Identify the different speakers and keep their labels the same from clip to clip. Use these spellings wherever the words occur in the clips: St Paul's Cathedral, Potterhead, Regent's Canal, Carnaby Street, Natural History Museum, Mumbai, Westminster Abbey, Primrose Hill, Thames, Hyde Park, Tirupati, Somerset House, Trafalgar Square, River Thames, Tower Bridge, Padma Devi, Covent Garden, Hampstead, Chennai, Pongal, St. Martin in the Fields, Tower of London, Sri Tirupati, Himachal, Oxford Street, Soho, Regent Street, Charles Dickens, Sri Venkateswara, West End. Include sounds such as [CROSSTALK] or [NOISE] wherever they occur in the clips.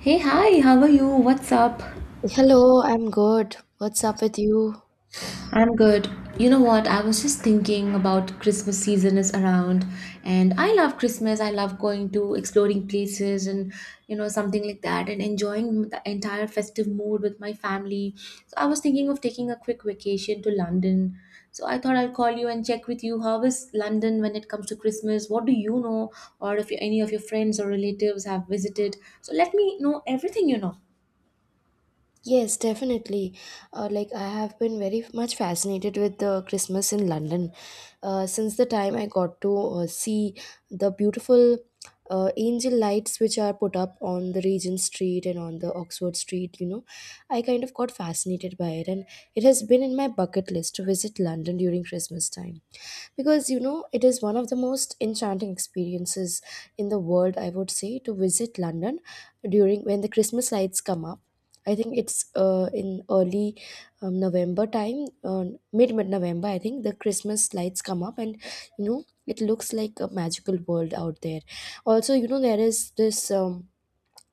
Speaker 1: Hey, hi, how are you? What's up?
Speaker 2: Hello, I'm good. What's up with you?
Speaker 1: I'm good. You know what? I was just thinking about Christmas season is around, and I love Christmas. I love going to exploring places and you know something like that, and enjoying the entire festive mood with my family. So I was thinking of taking a quick vacation to London. So I thought I'll call you and check with you how is London when it comes to Christmas? What do you know, or if any of your friends or relatives have visited? So let me know everything you know.
Speaker 2: Yes, definitely. Like I have been very much fascinated with the Christmas in London since the time I got to see the beautiful angel lights which are put up on the Regent Street and on the Oxford Street. You know, I kind of got fascinated by it, and it has been in my bucket list to visit London during Christmas time because you know it is one of the most enchanting experiences in the world. I would say to visit London during when the Christmas lights come up. I think it's in early November time, mid November. I think the Christmas lights come up, and you know it looks like a magical world out there. Also, you know there is this.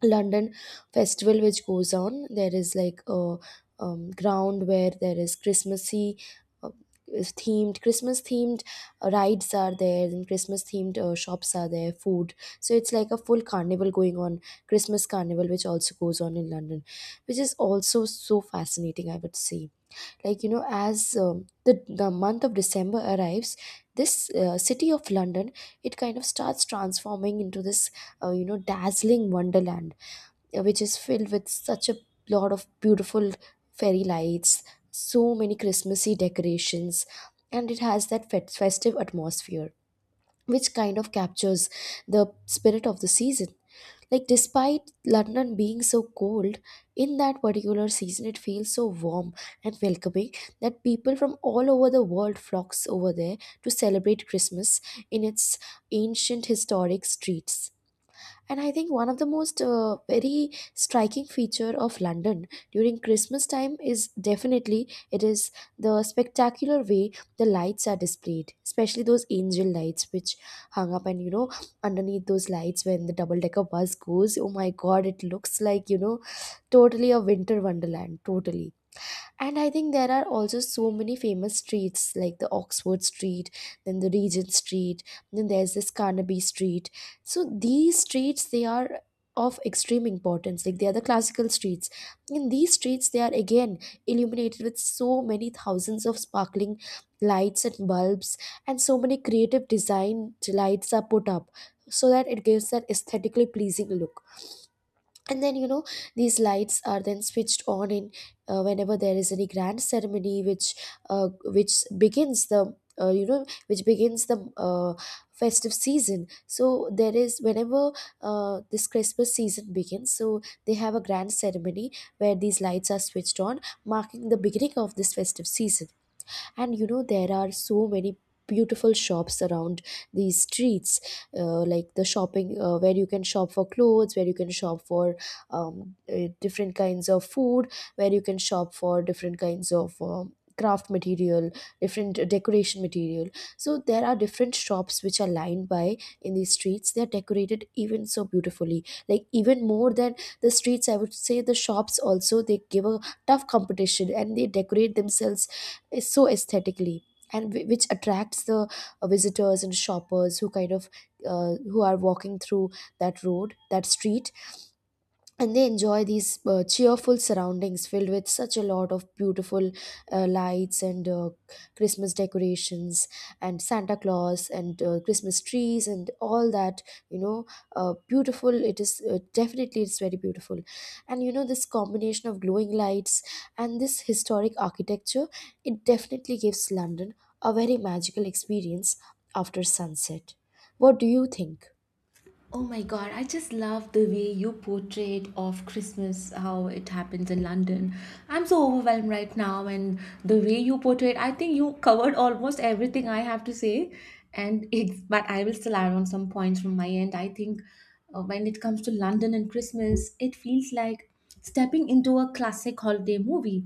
Speaker 2: London festival which goes on. There is like a ground where there is Christmassy uh, is themed Christmas themed rides are there, and Christmas themed shops are there, food. So it's like a full carnival going on, Christmas carnival which also goes on in London, which is also so fascinating. I would say, like you know, as the month of December arrives, this city of London, it kind of starts transforming into this you know dazzling wonderland, which is filled with such a lot of beautiful fairy lights, so many Christmassy decorations, and it has that festive atmosphere, which kind of captures the spirit of the season. Like, despite London being so cold, in that particular season, it feels so warm and welcoming that people from all over the world flocks over there to celebrate Christmas in its ancient historic streets. And I think one of the most very striking feature of London during Christmas time is definitely it is the spectacular way the lights are displayed, especially those angel lights which hung up, and you know underneath those lights when the double decker bus goes, oh my god, it looks like you know totally a winter wonderland, totally. And I think there are also so many famous streets like the Oxford Street, then the Regent Street, then there's this Carnaby Street. So these streets, they are of extreme importance. Like they are the classical streets. In these streets they are again illuminated with so many thousands of sparkling lights and bulbs, and so many creative design lights are put up so that it gives that aesthetically pleasing look. And then you know these lights are then switched on in whenever there is any grand ceremony which begins the you know which begins the festive season. So there is whenever this Christmas season begins, so they have a grand ceremony where these lights are switched on marking the beginning of this festive season. And you know there are so many beautiful shops around these streets, like the shopping, where you can shop for clothes, where you can shop for different kinds of food, where you can shop for different kinds of craft material, different decoration material. So there are different shops which are lined by in these streets. They are decorated even so beautifully, like even more than the streets, I would say. The shops also, they give a tough competition and they decorate themselves is so aesthetically, and which attracts the visitors and shoppers who kind of who are walking through that road, that street, and they enjoy these cheerful surroundings filled with such a lot of beautiful lights and Christmas decorations and Santa Claus and Christmas trees and all that, you know, beautiful it is. Definitely it's very beautiful. And you know this combination of glowing lights and this historic architecture, it definitely gives London a very magical experience after sunset. What do you think?
Speaker 1: Oh my god, I just love the way you portrayed of Christmas, how it happens in London. I'm so overwhelmed right now and the way you portrayed, I think you covered almost everything I have to say, and it's, but I will still add on some points from my end. I think when it comes to London and Christmas, it feels like stepping into a classic holiday movie.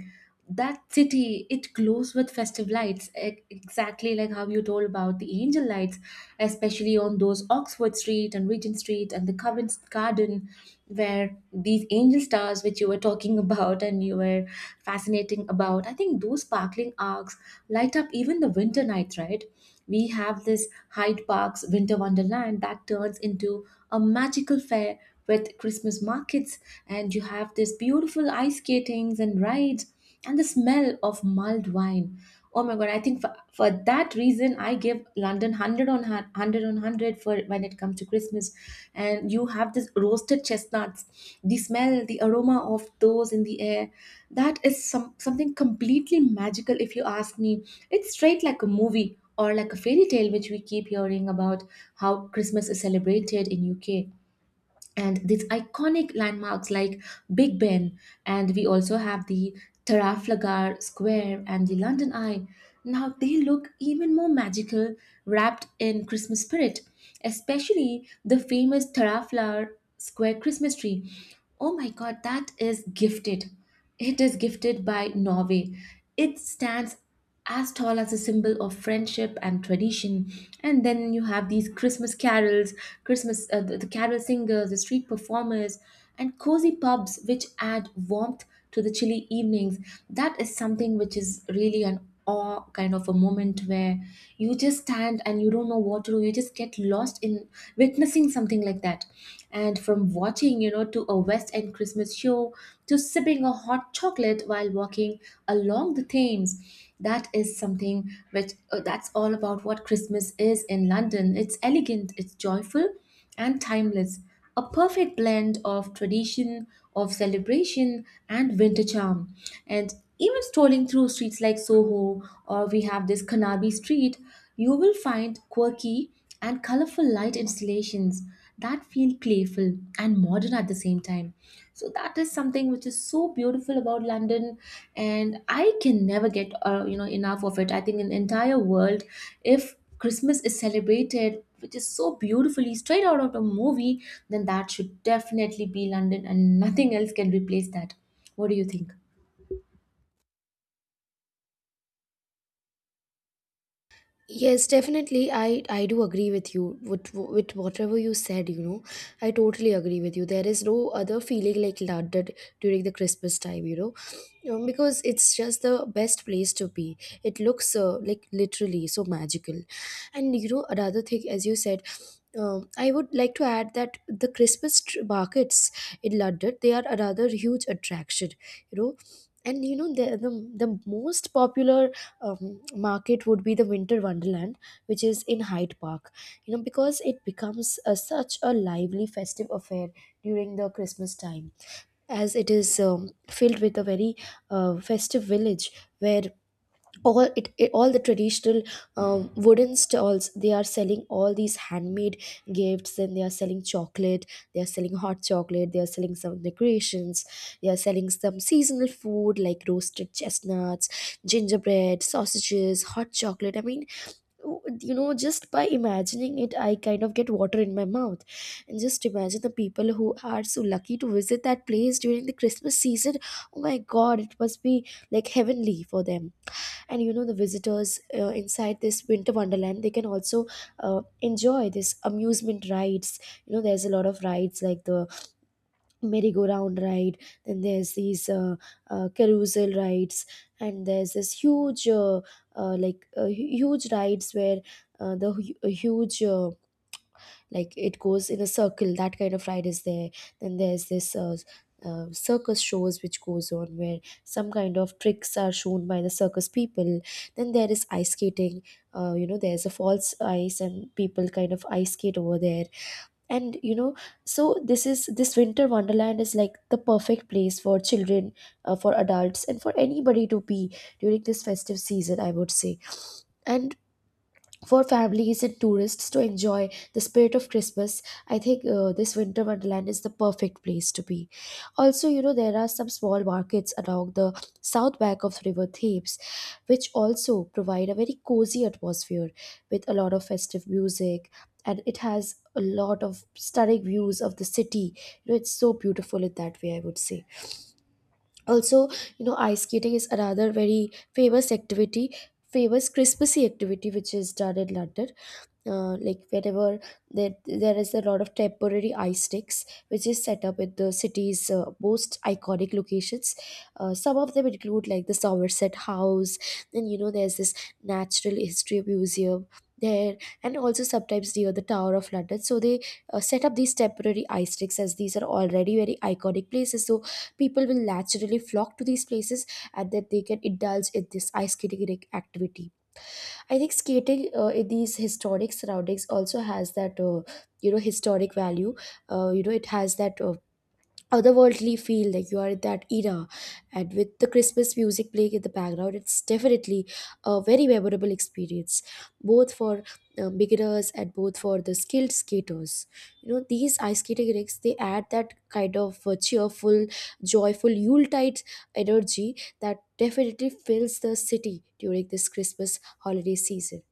Speaker 1: That city, it glows with festive lights, exactly like how you told about the angel lights, especially on those Oxford Street and Regent Street and the Covent Garden, where these angel stars which you were talking [LAUGHS] about and you were fascinating about, I think those sparkling arcs light up even the winter nights, right? We have this Hyde Park's Winter Wonderland that turns into a magical fair with Christmas markets, and you have this beautiful ice skatings and rides, and the smell of mulled wine. Oh my god! I think for that reason, I give London 100 on 100 on 100 for when it comes to Christmas, and you have this roasted chestnuts, the smell, the aroma of those in the air. That is something completely magical. If you ask me, it's straight like a movie or like a fairy tale which we keep hearing about, how Christmas is celebrated in UK. And these iconic landmarks like Big Ben, and we also have the Trafalgar Square and the London Eye, now they look even more magical wrapped in Christmas spirit, especially the famous Taraflar Square Christmas tree. Oh my god, that is gifted. It is gifted by Norway. It stands as tall as a symbol of friendship and tradition. And then you have these Christmas carols, Christmas the carol singers, the street performers and cozy pubs which add warmth to the chilly evenings. That is something which is really an awe kind of a moment where you just stand and you don't know what to do, you just get lost in witnessing something like that. And from watching, you know, to a West End Christmas show, to sipping a hot chocolate while walking along the Thames, that is something which that's all about what Christmas is in London. It's elegant, it's joyful and timeless, a perfect blend of tradition, of celebration, and winter charm. And even strolling through streets like Soho, or we have this Kanabi Street, you will find quirky and colorful light installations that feel playful and modern at the same time. So that is something which is so beautiful about London, and I can never get you know, enough of it. I think in the entire world, if Christmas is celebrated, which is so beautifully straight out of a movie, then that should definitely be London and nothing else can replace that. What do you think?
Speaker 2: Yes, definitely. I do agree with you, with whatever you said, you know. I totally agree with you. There is no other feeling like London during the Christmas time, you know. Because it's just the best place to be. It looks like literally so magical. And, you know, another thing, as you said, I would like to add that the Christmas markets in London, they are another huge attraction, you know. And you know the most popular market would be the Winter Wonderland, which is in Hyde Park, you know, because it becomes a, such a lively festive affair during the Christmas time, as it is filled with a very festive village where all the traditional wooden stalls, they are selling all these handmade gifts, and they are selling chocolate, they are selling hot chocolate, they are selling some decorations, they are selling some seasonal food like roasted chestnuts, gingerbread, sausages, hot chocolate. I mean, you know, just by imagining it, I kind of get water in my mouth. And just imagine the people who are so lucky to visit that place during the Christmas season. Oh my god, it must be like heavenly for them. And you know the visitors inside this Winter Wonderland, they can also enjoy this amusement rides. You know there's a lot of rides like the merry-go-round ride, then there's these carousel rides, and there's this huge huge rides where the huge like it goes in a circle, that kind of ride is there. Then there's this circus shows which goes on, where some kind of tricks are shown by the circus people. Then there is ice skating. You know there's a false ice and people kind of ice skate over there. And you know, so this is, this Winter Wonderland is like the perfect place for children, for adults, and for anybody to be during this festive season, I would say. And for families and tourists to enjoy the spirit of Christmas, I think this Winter Wonderland is the perfect place to be. Also, you know, there are some small markets along the south bank of River Thames, which also provide a very cozy atmosphere with a lot of festive music, and it has a lot of stunning views of the city. You know, it's so beautiful in that way, I would say. Also, you know, ice skating is another very famous activity, famous Christmassy activity which is done in London, like wherever there is a lot of temporary ice sticks which is set up at the city's most iconic locations. Some of them include like the Somerset House, then you know there's this Natural History Museum there, and also sometimes near the Tower of London. So they set up these temporary ice sticks, as these are already very iconic places, so people will naturally flock to these places, and then they can indulge in this ice skating activity. I think skating in these historic surroundings also has that you know historic value. You know it has that otherworldly feel like you are in that era, and with the Christmas music playing in the background, it's definitely a very memorable experience, both for beginners and both for the skilled skaters. You know these ice skating rinks, they add that kind of cheerful, joyful Yuletide energy that definitely fills the city during this Christmas holiday season.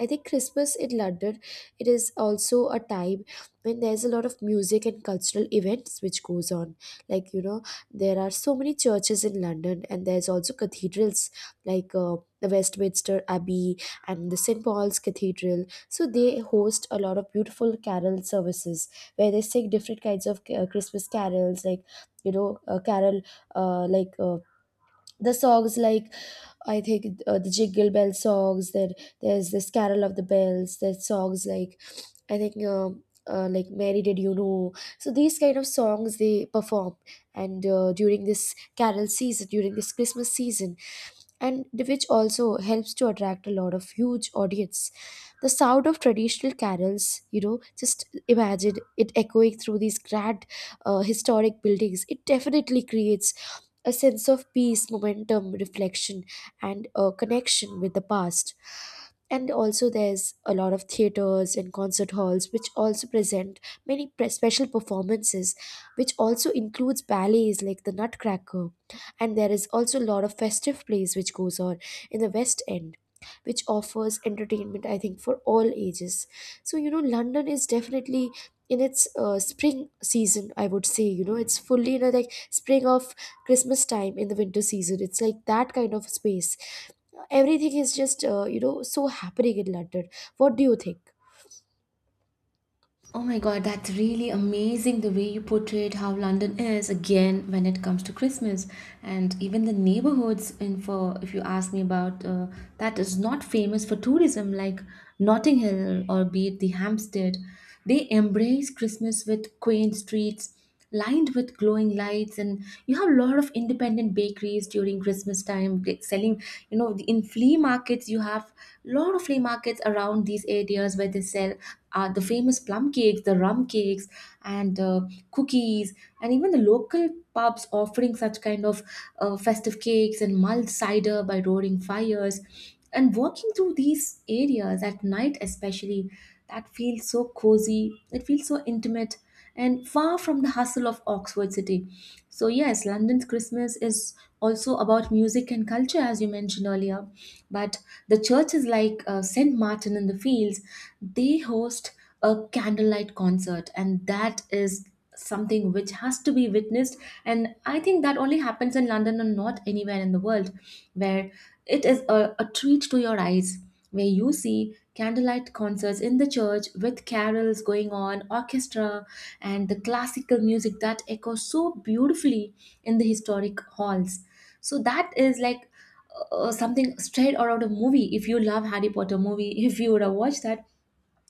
Speaker 2: I think Christmas in London, it is also a time when there's a lot of music and cultural events which goes on. Like you know, there are so many churches in London, and there's also cathedrals like the Westminster Abbey and the St Paul's Cathedral. So they host a lot of beautiful carol services where they sing different kinds of Christmas carols, like you know, carol like. The songs like, I think the Jingle Bell songs. Then there's this Carol of the Bells. There's songs like, I think like Mary Did You Know. So these kind of songs they perform, and during this Carol season, during this Christmas season, which also helps to attract a lot of huge audience, the sound of traditional carols, you know, just imagine it echoing through these grand historic buildings. It definitely creates a sense of peace, momentum, reflection, and a connection with the past. And also there's a lot of theaters and concert halls which also present many special performances, which also includes ballets like the Nutcracker. And there is also a lot of festive plays which goes on in the West End, which offers entertainment, I think, for all ages. So you know, London is definitely in its spring season, I would say. You know, it's fully in a like spring of Christmas time in the winter season. It's like that kind of space. Everything is just, so happening in London. What do you think?
Speaker 1: Oh my god, that's really amazing the way you portrayed how London is again when it comes to Christmas. And even the neighborhoods in, for if you ask me about that is not famous for tourism, like Notting Hill or be it the Hampstead, they embrace Christmas with quaint streets lined with glowing lights. And you have a lot of independent bakeries during Christmas time, like selling, you know, in flea markets, you have a lot of flea markets around these areas where they sell the famous plum cakes, the rum cakes and cookies, and even the local pubs offering such kind of festive cakes and mulled cider by roaring fires. And walking through these areas at night especially, that feels so cozy, it feels so intimate and far from the hustle of Oxford City. So, yes, London's Christmas is also about music and culture, as you mentioned earlier. But the churches like St. Martin in the Fields, they host a candlelight concert, and that is something which has to be witnessed. And I think that only happens in London and not anywhere in the world, where it is a treat to your eyes, where you see candlelight concerts in the church with carols going on, orchestra, and the classical music that echoes so beautifully in the historic halls. So that is like something straight out of a movie. If you love Harry Potter movie, [LAUGHS] if you would have watched that,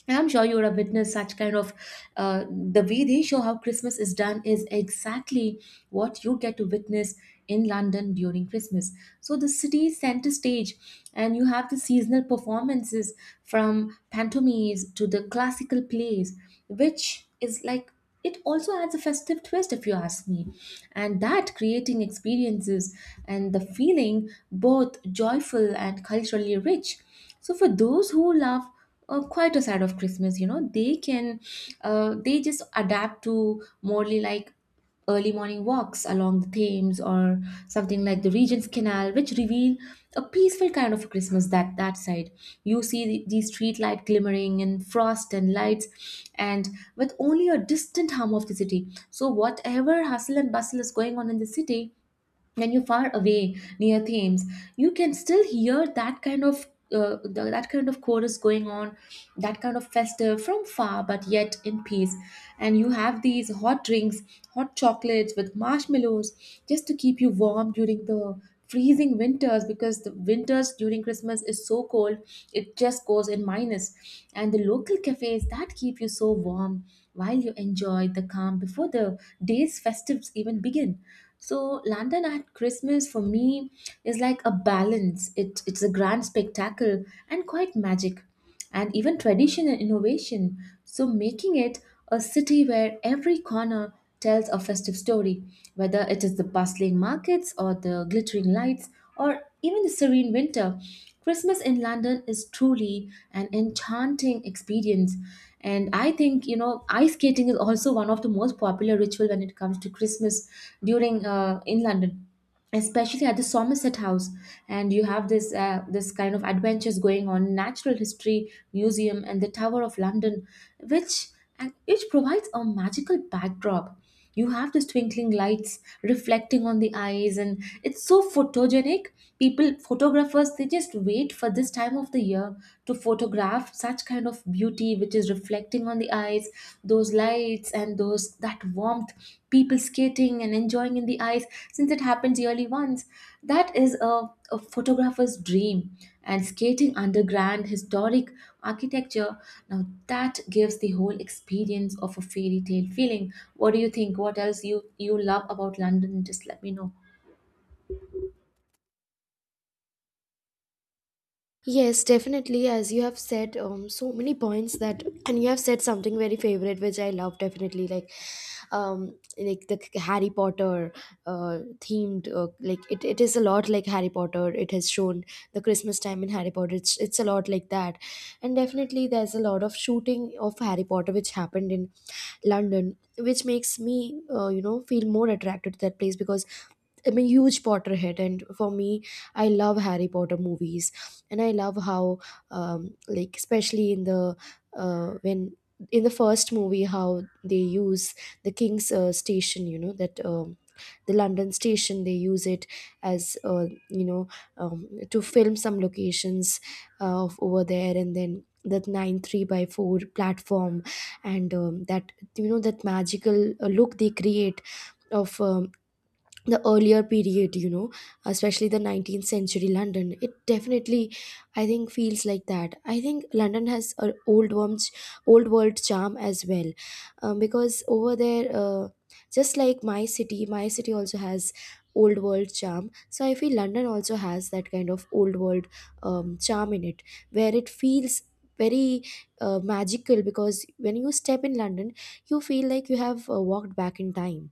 Speaker 1: and I'm sure you would have witnessed such kind of the way they show how Christmas is done is exactly what you get to witness in London during Christmas. So the city center stage, and you have the seasonal performances from pantomimes to the classical plays, which is like, it also adds a festive twist if you ask me, and that creating experiences and the feeling both joyful and culturally rich. So for those who love quite a side of Christmas, you know, they can they just adapt to morely, like early morning walks along the Thames, or something like the Regent's Canal, which reveal a peaceful kind of Christmas. That that side, you see the street light glimmering and frost and lights, and with only a distant hum of the city. So whatever hustle and bustle is going on in the city, when you're far away near Thames, you can still hear that kind of that kind of chorus going on, that kind of festive from far, but yet in peace. And you have these hot drinks, hot chocolates with marshmallows, just to keep you warm during the freezing winters, because the winters during Christmas is so cold, it just goes in minus minus. And the local cafes that keep you so warm while you enjoy the calm before the day's festives even begin. So London at Christmas for me is like a balance. It, it's a grand spectacle and quite magic, and even tradition and innovation. So making it a city where every corner tells a festive story, whether it is the bustling markets or the glittering lights or even the serene winter. Christmas in London is truly an enchanting experience. And I think, you know, ice skating is also one of the most popular ritual when it comes to Christmas, during in London, especially at the Somerset House, and you have this this kind of adventures going on, Natural History Museum and the Tower of London, which, and which provides a magical backdrop. You have these twinkling lights reflecting on the eyes, and it's so photogenic. People, photographers, they just wait for this time of the year to photograph such kind of beauty which is reflecting on the eyes, those lights and those that warmth, people skating and enjoying in the eyes, since it happens yearly once. That is a photographer's dream. And skating under grand historic architecture, now that gives the whole experience of a fairy tale feeling. What do you think? What else you, you love about London? Just let me know.
Speaker 2: Yes, definitely. As you have said, so many points that, and you have said something very favorite, which I love definitely, like the Harry Potter, uh, themed, like it is a lot like Harry Potter. It has shown the Christmas time in Harry Potter. It's a lot like that, and definitely there's a lot of shooting of Harry Potter which happened in London, which makes me, feel more attracted to that place because I'm a huge Potterhead, and for me, I love Harry Potter movies, and I love how, like especially in the when in the first movie, how they use the King's Station, you know, that the London station, they use it as, to film some locations of over there, and then that nine three by four platform, and that you know that magical look they create of the earlier period, you know, especially the 19th century London. It definitely, I think, feels like that. I think London has an old world charm as well, because over there, just like my city, my city also has old world charm. So I feel London also has that kind of old world charm in it, where it feels very magical. Because when you step in London, you feel like you have walked back in time.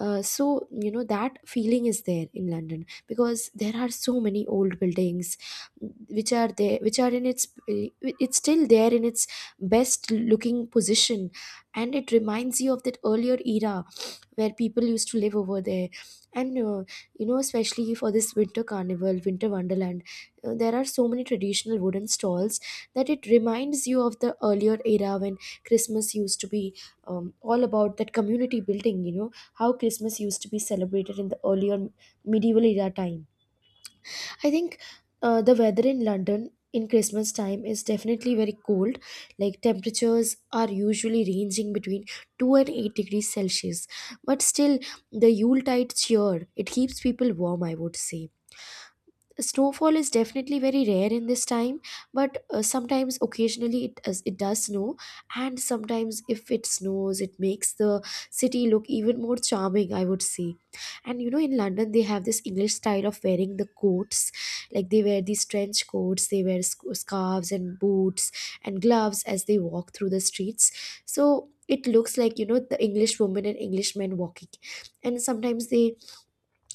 Speaker 2: So you know that feeling is there in London because there are so many old buildings, which are there, which are in its it's still there in its best looking position, and it reminds you of that earlier era where people used to live over there. And especially for this winter carnival, winter wonderland, there are so many traditional wooden stalls, that it reminds you of the earlier era when Christmas used to be, all about that community building. You know how Christmas used to be celebrated in the earlier medieval era time. I think the weather in London in Christmas time is definitely very cold. Like temperatures are usually ranging between 2 and 8 degrees Celsius. But still, the Yuletide cheer, it keeps people warm, I would say. Snowfall is definitely very rare in this time, but sometimes occasionally it does snow, and sometimes if it snows, it makes the city look even more charming, I would say. And you know, in London they have this English style of wearing the coats. Like they wear these trench coats, they wear scarves and boots and gloves as they walk through the streets. So it looks like, you know, the English women and English men walking, and sometimes they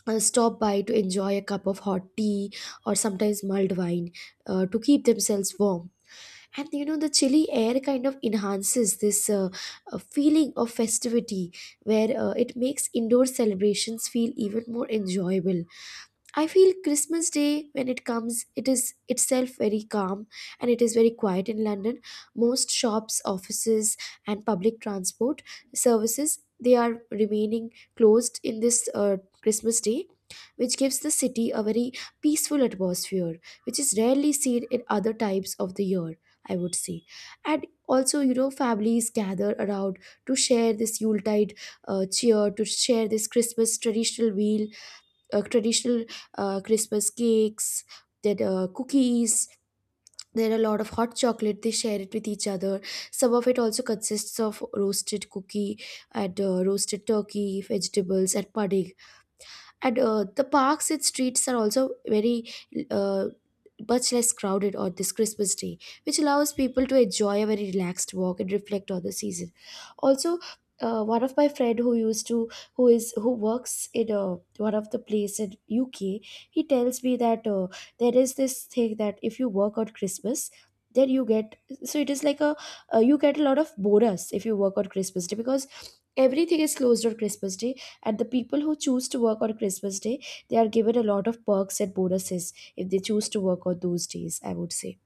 Speaker 2: stop by to enjoy a cup of hot tea or sometimes mulled wine to keep themselves warm. And you know, the chilly air kind of enhances this, feeling of festivity, where it makes indoor celebrations feel even more enjoyable. I feel Christmas Day, when it comes, it is itself very calm, and it is very quiet in London. Most shops, offices, and public transport services, they are remaining closed in this Christmas Day, which gives the city a very peaceful atmosphere, which is rarely seen in other types of the year, I would say. And also, you know, families gather around to share this Yuletide cheer, to share this Christmas traditional meal, traditional Christmas cakes, then cookies. There are a lot of hot chocolate. They share it with each other. Some of it also consists of roasted cookie and roasted turkey, vegetables, and pudding. And the parks and streets are also very uh, much less crowded on this Christmas day, which allows people to enjoy a very relaxed walk and reflect on the season. Also, one of my friend who used to, who works in a, one of the place in UK, he tells me that there is this thing that if you work on Christmas, then you get, so it is like a, you get a lot of bonus if you work on Christmas day, because everything is closed on Christmas day, and the people who choose to work on Christmas Day, they are given a lot of perks and bonuses if they choose to work on those days, I would say.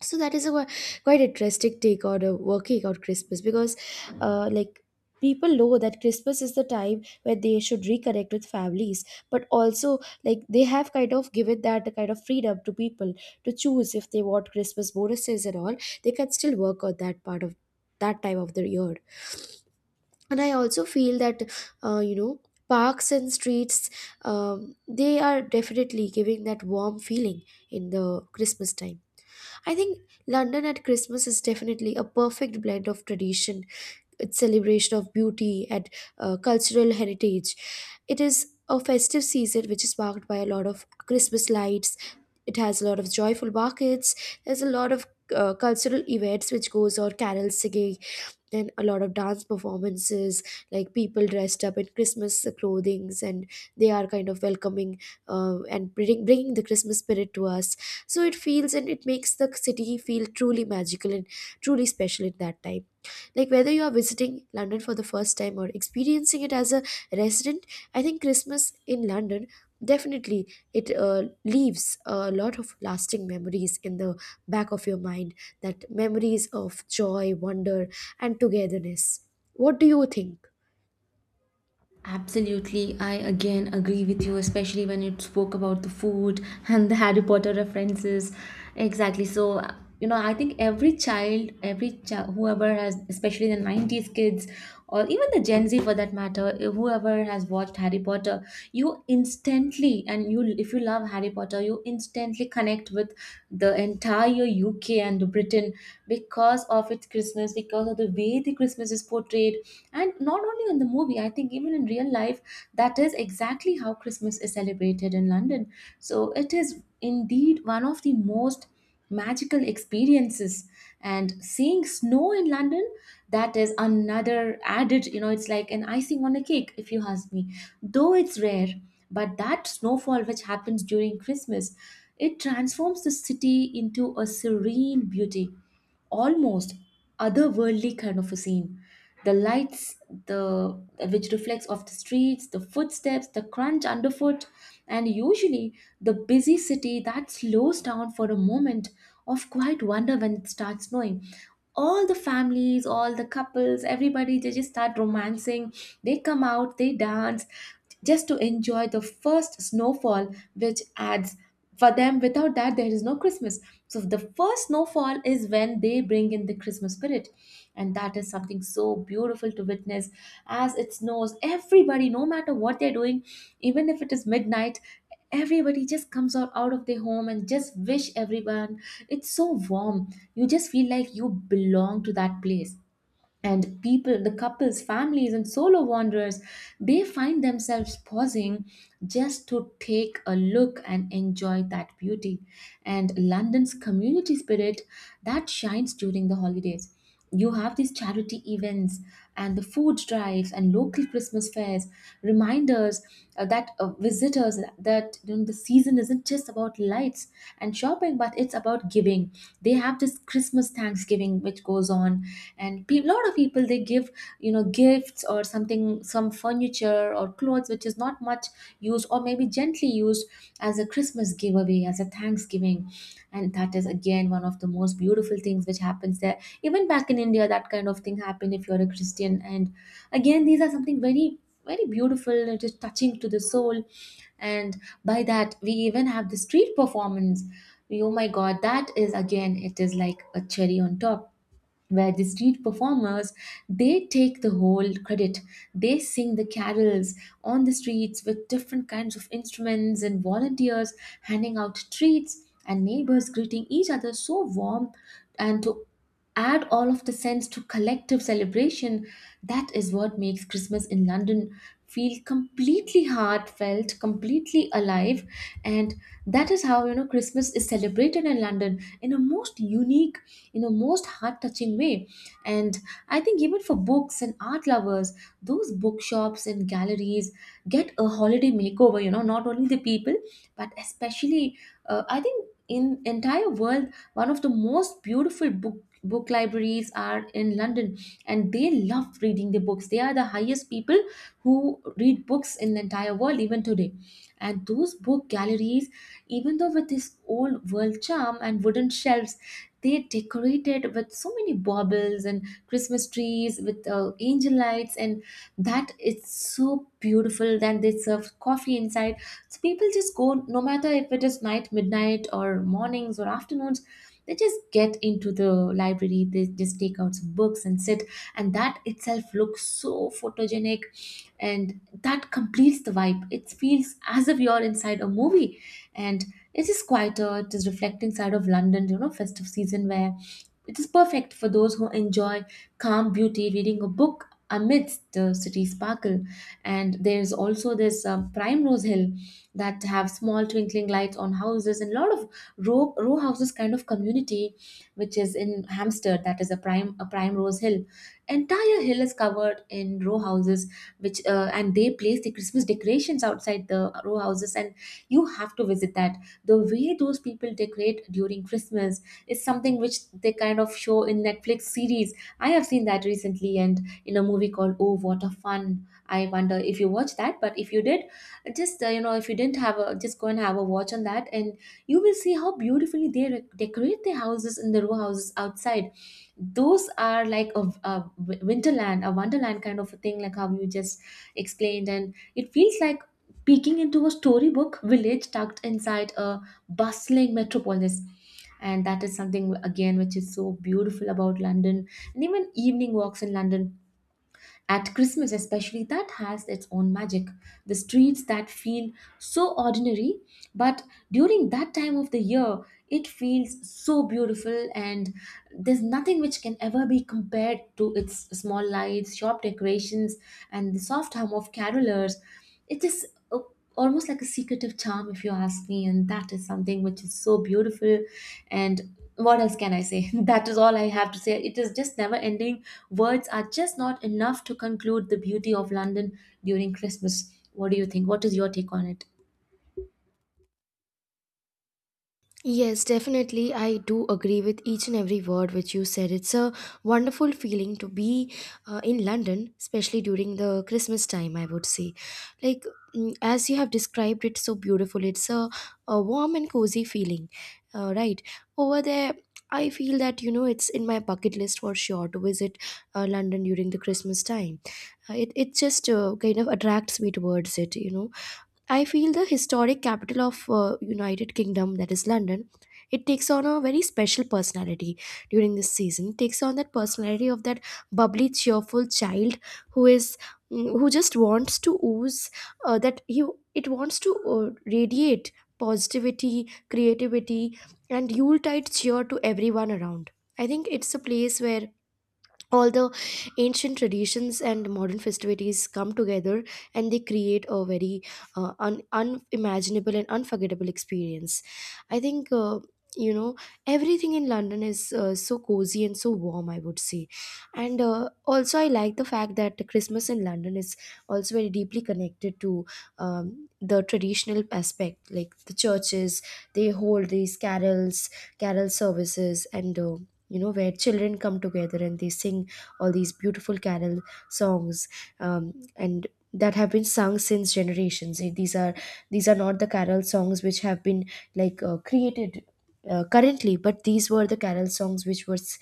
Speaker 2: So that is a quite interesting take on working on Christmas, because, uh, like, people know that Christmas is the time where they should reconnect with families, but also like they have kind of given that kind of freedom to people to choose if they want Christmas bonuses and all. They can still work on that part of that time of the year. And I also feel that, uh, you know parks and streets, they are definitely giving that warm feeling in the Christmas time. I think London at Christmas is definitely a perfect blend of tradition, its celebration of beauty and cultural heritage. It is a festive season which is marked by a lot of Christmas lights. It has a lot of joyful markets. There's a lot of cultural events which goes on, carol singing, and a lot of dance performances, like people dressed up in Christmas clothings, and they are kind of welcoming and bringing the Christmas spirit to us. So it feels, and it makes the city feel truly magical and truly special at that time. Like whether you are visiting London for the first time or experiencing it as a resident, I think Christmas in London definitely, it leaves a lot of lasting memories in the back of your mind, that memories of joy, wonder, and togetherness. What do you think?
Speaker 1: Absolutely, I again agree with you, especially when you spoke about the food and the Harry Potter references. Exactly. So, you know, I think every child, whoever has, especially the 90s kids, or even the Gen Z for that matter, if whoever has watched Harry Potter, you instantly, and you, if you love Harry Potter, you instantly connect with the entire UK and Britain because of its Christmas, because of the way the Christmas is portrayed. And not only in the movie, I think even in real life, that is exactly how Christmas is celebrated in London. So it is indeed one of the most magical experiences, and seeing snow in London, that is another added, it's like an icing on a cake if you ask me, though it's rare. But that snowfall which happens during Christmas, it transforms the city into a serene beauty, almost otherworldly kind of a scene. The lights, the which reflects off the streets, the footsteps, the crunch underfoot. And usually the busy city that slows down for a moment of quiet wonder. When it starts snowing, all the families, all the couples, everybody, they just start romancing. They come out, they dance just to enjoy the first snowfall, which adds, for them, without that there is no Christmas. So the first snowfall is when they bring in the Christmas spirit, and that is something so beautiful to witness. As it snows, everybody, no matter what they're doing, even if it is midnight, everybody just comes out of their home and just wish everyone. It's so warm, you just feel like you belong to that place. And people, the couples, families, and solo wanderers, they find themselves pausing just to take a look and enjoy that beauty. And London's community spirit that shines during the holidays, you have these charity events and the food drives and local Christmas fairs remind us that visitors that, the season isn't just about lights and shopping, but it's about giving. They have this Christmas Thanksgiving which goes on, and a lot of people they give, gifts or something, some furniture or clothes which is not much used or maybe gently used, as a Christmas giveaway, as a Thanksgiving. And that is again one of the most beautiful things which happens there. Even back in India, that kind of thing happened if you're a Christian. And again, these are something very, very beautiful, it is touching to the soul. And by that, we even have the street performance. Oh my God, that is again, it is like a cherry on top, where the street performers, they take the whole credit, they sing the carols on the streets with different kinds of instruments, and volunteers handing out treats and neighbors greeting each other so warm, and to add all of the sense to collective celebration. That is what makes Christmas in London feel completely heartfelt, completely alive. And that is how, Christmas is celebrated in London in a most unique, in a most heart touching way. And I think even for books and art lovers, those bookshops and galleries get a holiday makeover, you know, not only the people, but especially, I think in entire world, one of the most beautiful book libraries are in London, and they love reading the books. They are the highest people who read books in the entire world even today. And those book galleries, even though with this old world charm and wooden shelves, they decorated with so many baubles and Christmas trees with angel lights, and that, it's so beautiful. Then they serve coffee inside, so people just go, no matter if it is night, midnight, or mornings or afternoons, they just get into the library, they just take out some books and sit, and that itself looks so photogenic, and that completes the vibe. It feels as if you're inside a movie. And it is quieter, it is reflecting side of London, you know, festive season, where it is perfect for those who enjoy calm beauty, reading a book amidst the city sparkle. And there's also this Primrose Hill that have small twinkling lights on houses, and a lot of row houses kind of community, which is in Hampstead. That is a prime Rose Hill, entire hill is covered in row houses, which and they place the Christmas decorations outside the row houses, and you have to visit that. The way those people decorate during Christmas is something which they kind of show in Netflix series. I have seen that recently, and in a movie called Oh What a Fun. I wonder if you watched that, but if you did, just, if you didn't have a, just go and have a watch on that, and you will see how beautifully decorate their houses in the row houses outside. Those are like a winterland, a wonderland kind of a thing, like how you just explained, and it feels like peeking into a storybook village tucked inside a bustling metropolis. And that is something again which is so beautiful about London. And even evening walks in London at Christmas, especially, that has its own magic. The streets that feel so ordinary, but during that time of the year, it feels so beautiful, and there's nothing which can ever be compared to its small lights, sharp decorations, and the soft hum of carolers. It is a- almost like a secretive charm, if you ask me, and that is something which is so beautiful. And what else can I say? [LAUGHS] That is all I have to say. It is just never ending. Words are just not enough to conclude the beauty of London during Christmas. What do you think? What is your take on it?
Speaker 2: Yes, definitely. I do agree with each and every word which you said. It's a wonderful feeling to be in London, especially during the Christmas time, I would say. Like, as you have described it so beautiful, it's a warm and cozy feeling, right? Over there, I feel that, you know, it's in my bucket list for sure to visit London during the Christmas time. It, it just kind of attracts me towards it. You know, I feel the historic capital of United Kingdom, that is London, it takes on a very special personality during this season. It takes on that personality of that bubbly, cheerful child who is, who just wants to ooze that he it wants to radiate positivity, creativity, and Yuletide cheer to everyone around. I think it's a place where all the ancient traditions and modern festivities come together, and they create a very unimaginable and unforgettable experience, I think. You know everything in London is so cozy and so warm, I would say. And also I like the fact that Christmas in London is also very deeply connected to, the traditional aspect, like the churches. They hold these carol services, and you know, where children come together and they sing all these beautiful carol songs, and that have been sung since generations. Eh, these are, these are not the carol songs which have been like created currently, but these were the carol songs which was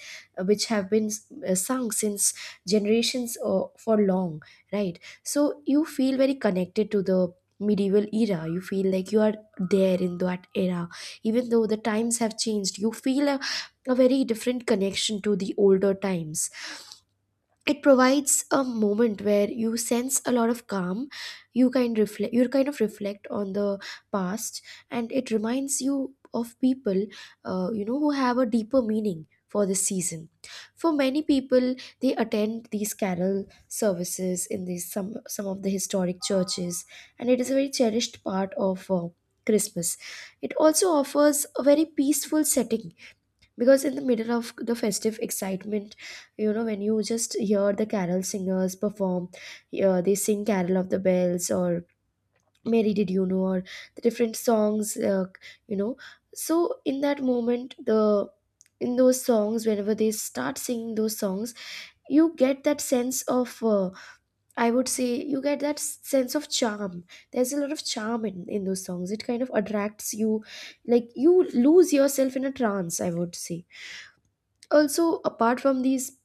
Speaker 2: which have been sung since generations, for long, right? So you feel very connected to the medieval era. You feel like you are there in that era. Even though the times have changed, you feel a very different connection to the older times. It provides a moment where you sense a lot of calm. You kind of reflect on the past, and it reminds you of people, who have a deeper meaning for this season. For many people, they attend these carol services in these, some of the historic churches, and it is a very cherished part of Christmas. It also offers a very peaceful setting, because in the middle of the festive excitement, you know, when you just hear the carol singers perform, they sing Carol of the Bells, or Mary Did You Know, or the different songs. Uh, you know so in that moment, the in those songs, whenever they start singing those songs, you get that sense of, I would say, you get that sense of charm. There's a lot of charm in those songs. It kind of attracts you, like you lose yourself in a trance, I would say. Also, apart from these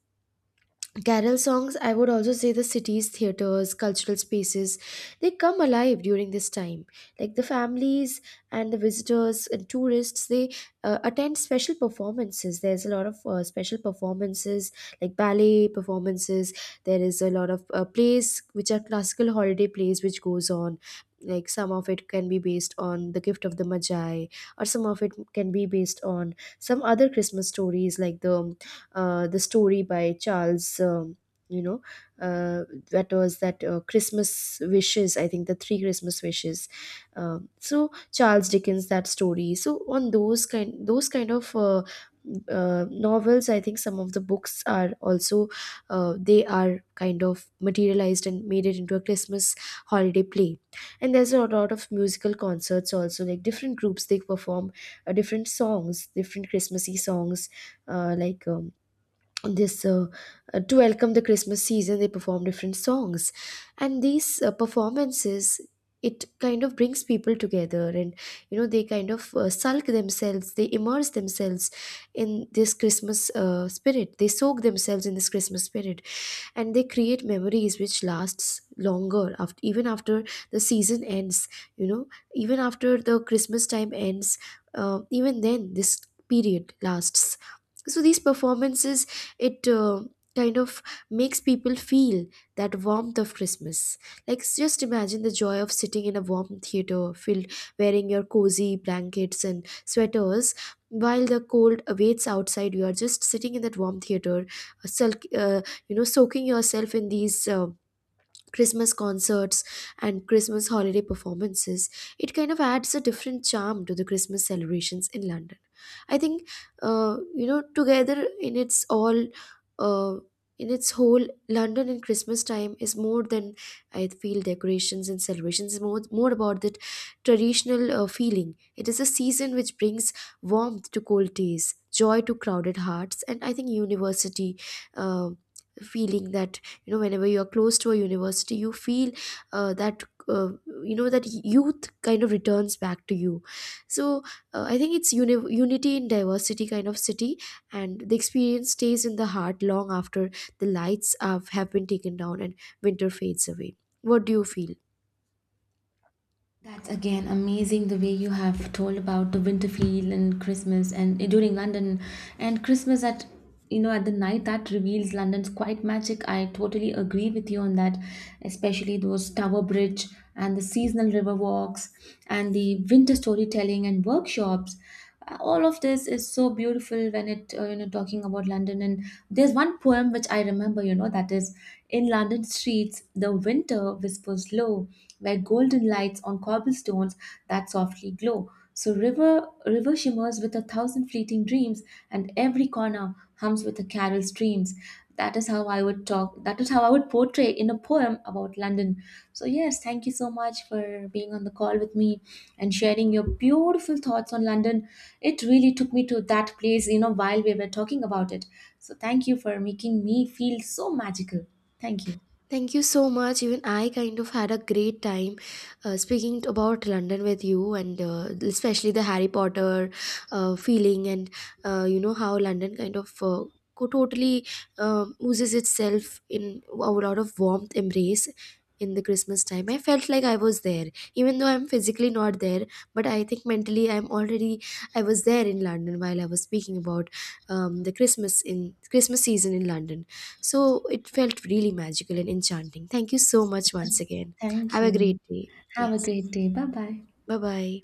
Speaker 2: carol songs, I would also say the cities, theaters, cultural spaces, they come alive during this time. Like the families and the visitors and tourists, they attend special performances. There's a lot of special performances, like ballet performances. There is a lot of plays which are classical holiday plays which goes on. Like some of it can be based on The Gift of the Magi, or some of it can be based on some other Christmas stories, like the story by Charles. You know, uh, that was that Christmas Wishes, I think. The three Christmas Wishes. So Charles Dickens, that story. So on those kind of novels, I think some of the books are also, they are kind of materialized and made it into a Christmas holiday play. And there's a lot of musical concerts also, like different groups they perform different songs, different Christmassy songs, like. This to welcome the Christmas season, they perform different songs. And these performances, it kind of brings people together, and you know they kind of sulk themselves they immerse themselves in this Christmas spirit. They soak themselves in this Christmas spirit, and they create memories which lasts longer after, even after the season ends. You know, even after the Christmas time ends, even then this period lasts. So these performances, it kind of makes people feel that warmth of Christmas. Like just imagine the joy of sitting in a warm theater filled, wearing your cozy blankets and sweaters, while the cold awaits outside. You are just sitting in that warm theater, uh, sulk- uh, soaking yourself in these Christmas concerts and Christmas holiday performances. It kind of adds a different charm to the Christmas celebrations in London, I think. Together in its all, uh, in its whole, London in Christmas time is more than, I feel, decorations and celebrations. Is more about that traditional feeling. It is a season which brings warmth to cold days, joy to crowded hearts. And I think university uh, feeling, that you know whenever you are close to a university, you feel uh, that uh, that youth kind of returns back to you. So I think it's unity in diversity kind of city, and the experience stays in the heart long after the lights have been taken down and winter fades away. What do you feel?
Speaker 1: That's again amazing, the way you have told about the Winterfield and Christmas and during London and Christmas at, you know, at the night that reveals London's quite magic. I totally agree with you on that, especially those Tower Bridge and the seasonal river walks and the winter storytelling and workshops. All of this is so beautiful when it, talking about London. And there's one poem which I remember, you know, that is, in London streets the winter whispers low, where golden lights on cobblestones that softly glow, so river shimmers with a thousand fleeting dreams, and every corner hums with the carol streams. That is how I would talk. That is how I would portray in a poem about London. So yes, thank you so much for being on the call with me and sharing your beautiful thoughts on London. It really took me to that place, you know, while we were talking about it. So thank you for making me feel so magical. Thank you.
Speaker 2: Thank you so much. Even I kind of had a great time speaking about London with you, and especially the Harry Potter feeling, and how London kind of totally oozes itself in a lot of warmth embrace in the Christmas time. I felt like I was there, even though I'm physically not there, but I think mentally I'm already, I was there in London while I was speaking about the Christmas in Christmas season in London. So it felt really magical and enchanting. Thank you so much once again.
Speaker 1: Thank
Speaker 2: Have a
Speaker 1: you.
Speaker 2: great day.
Speaker 1: Have a
Speaker 2: Yes.
Speaker 1: great day. Bye bye.
Speaker 2: Bye bye.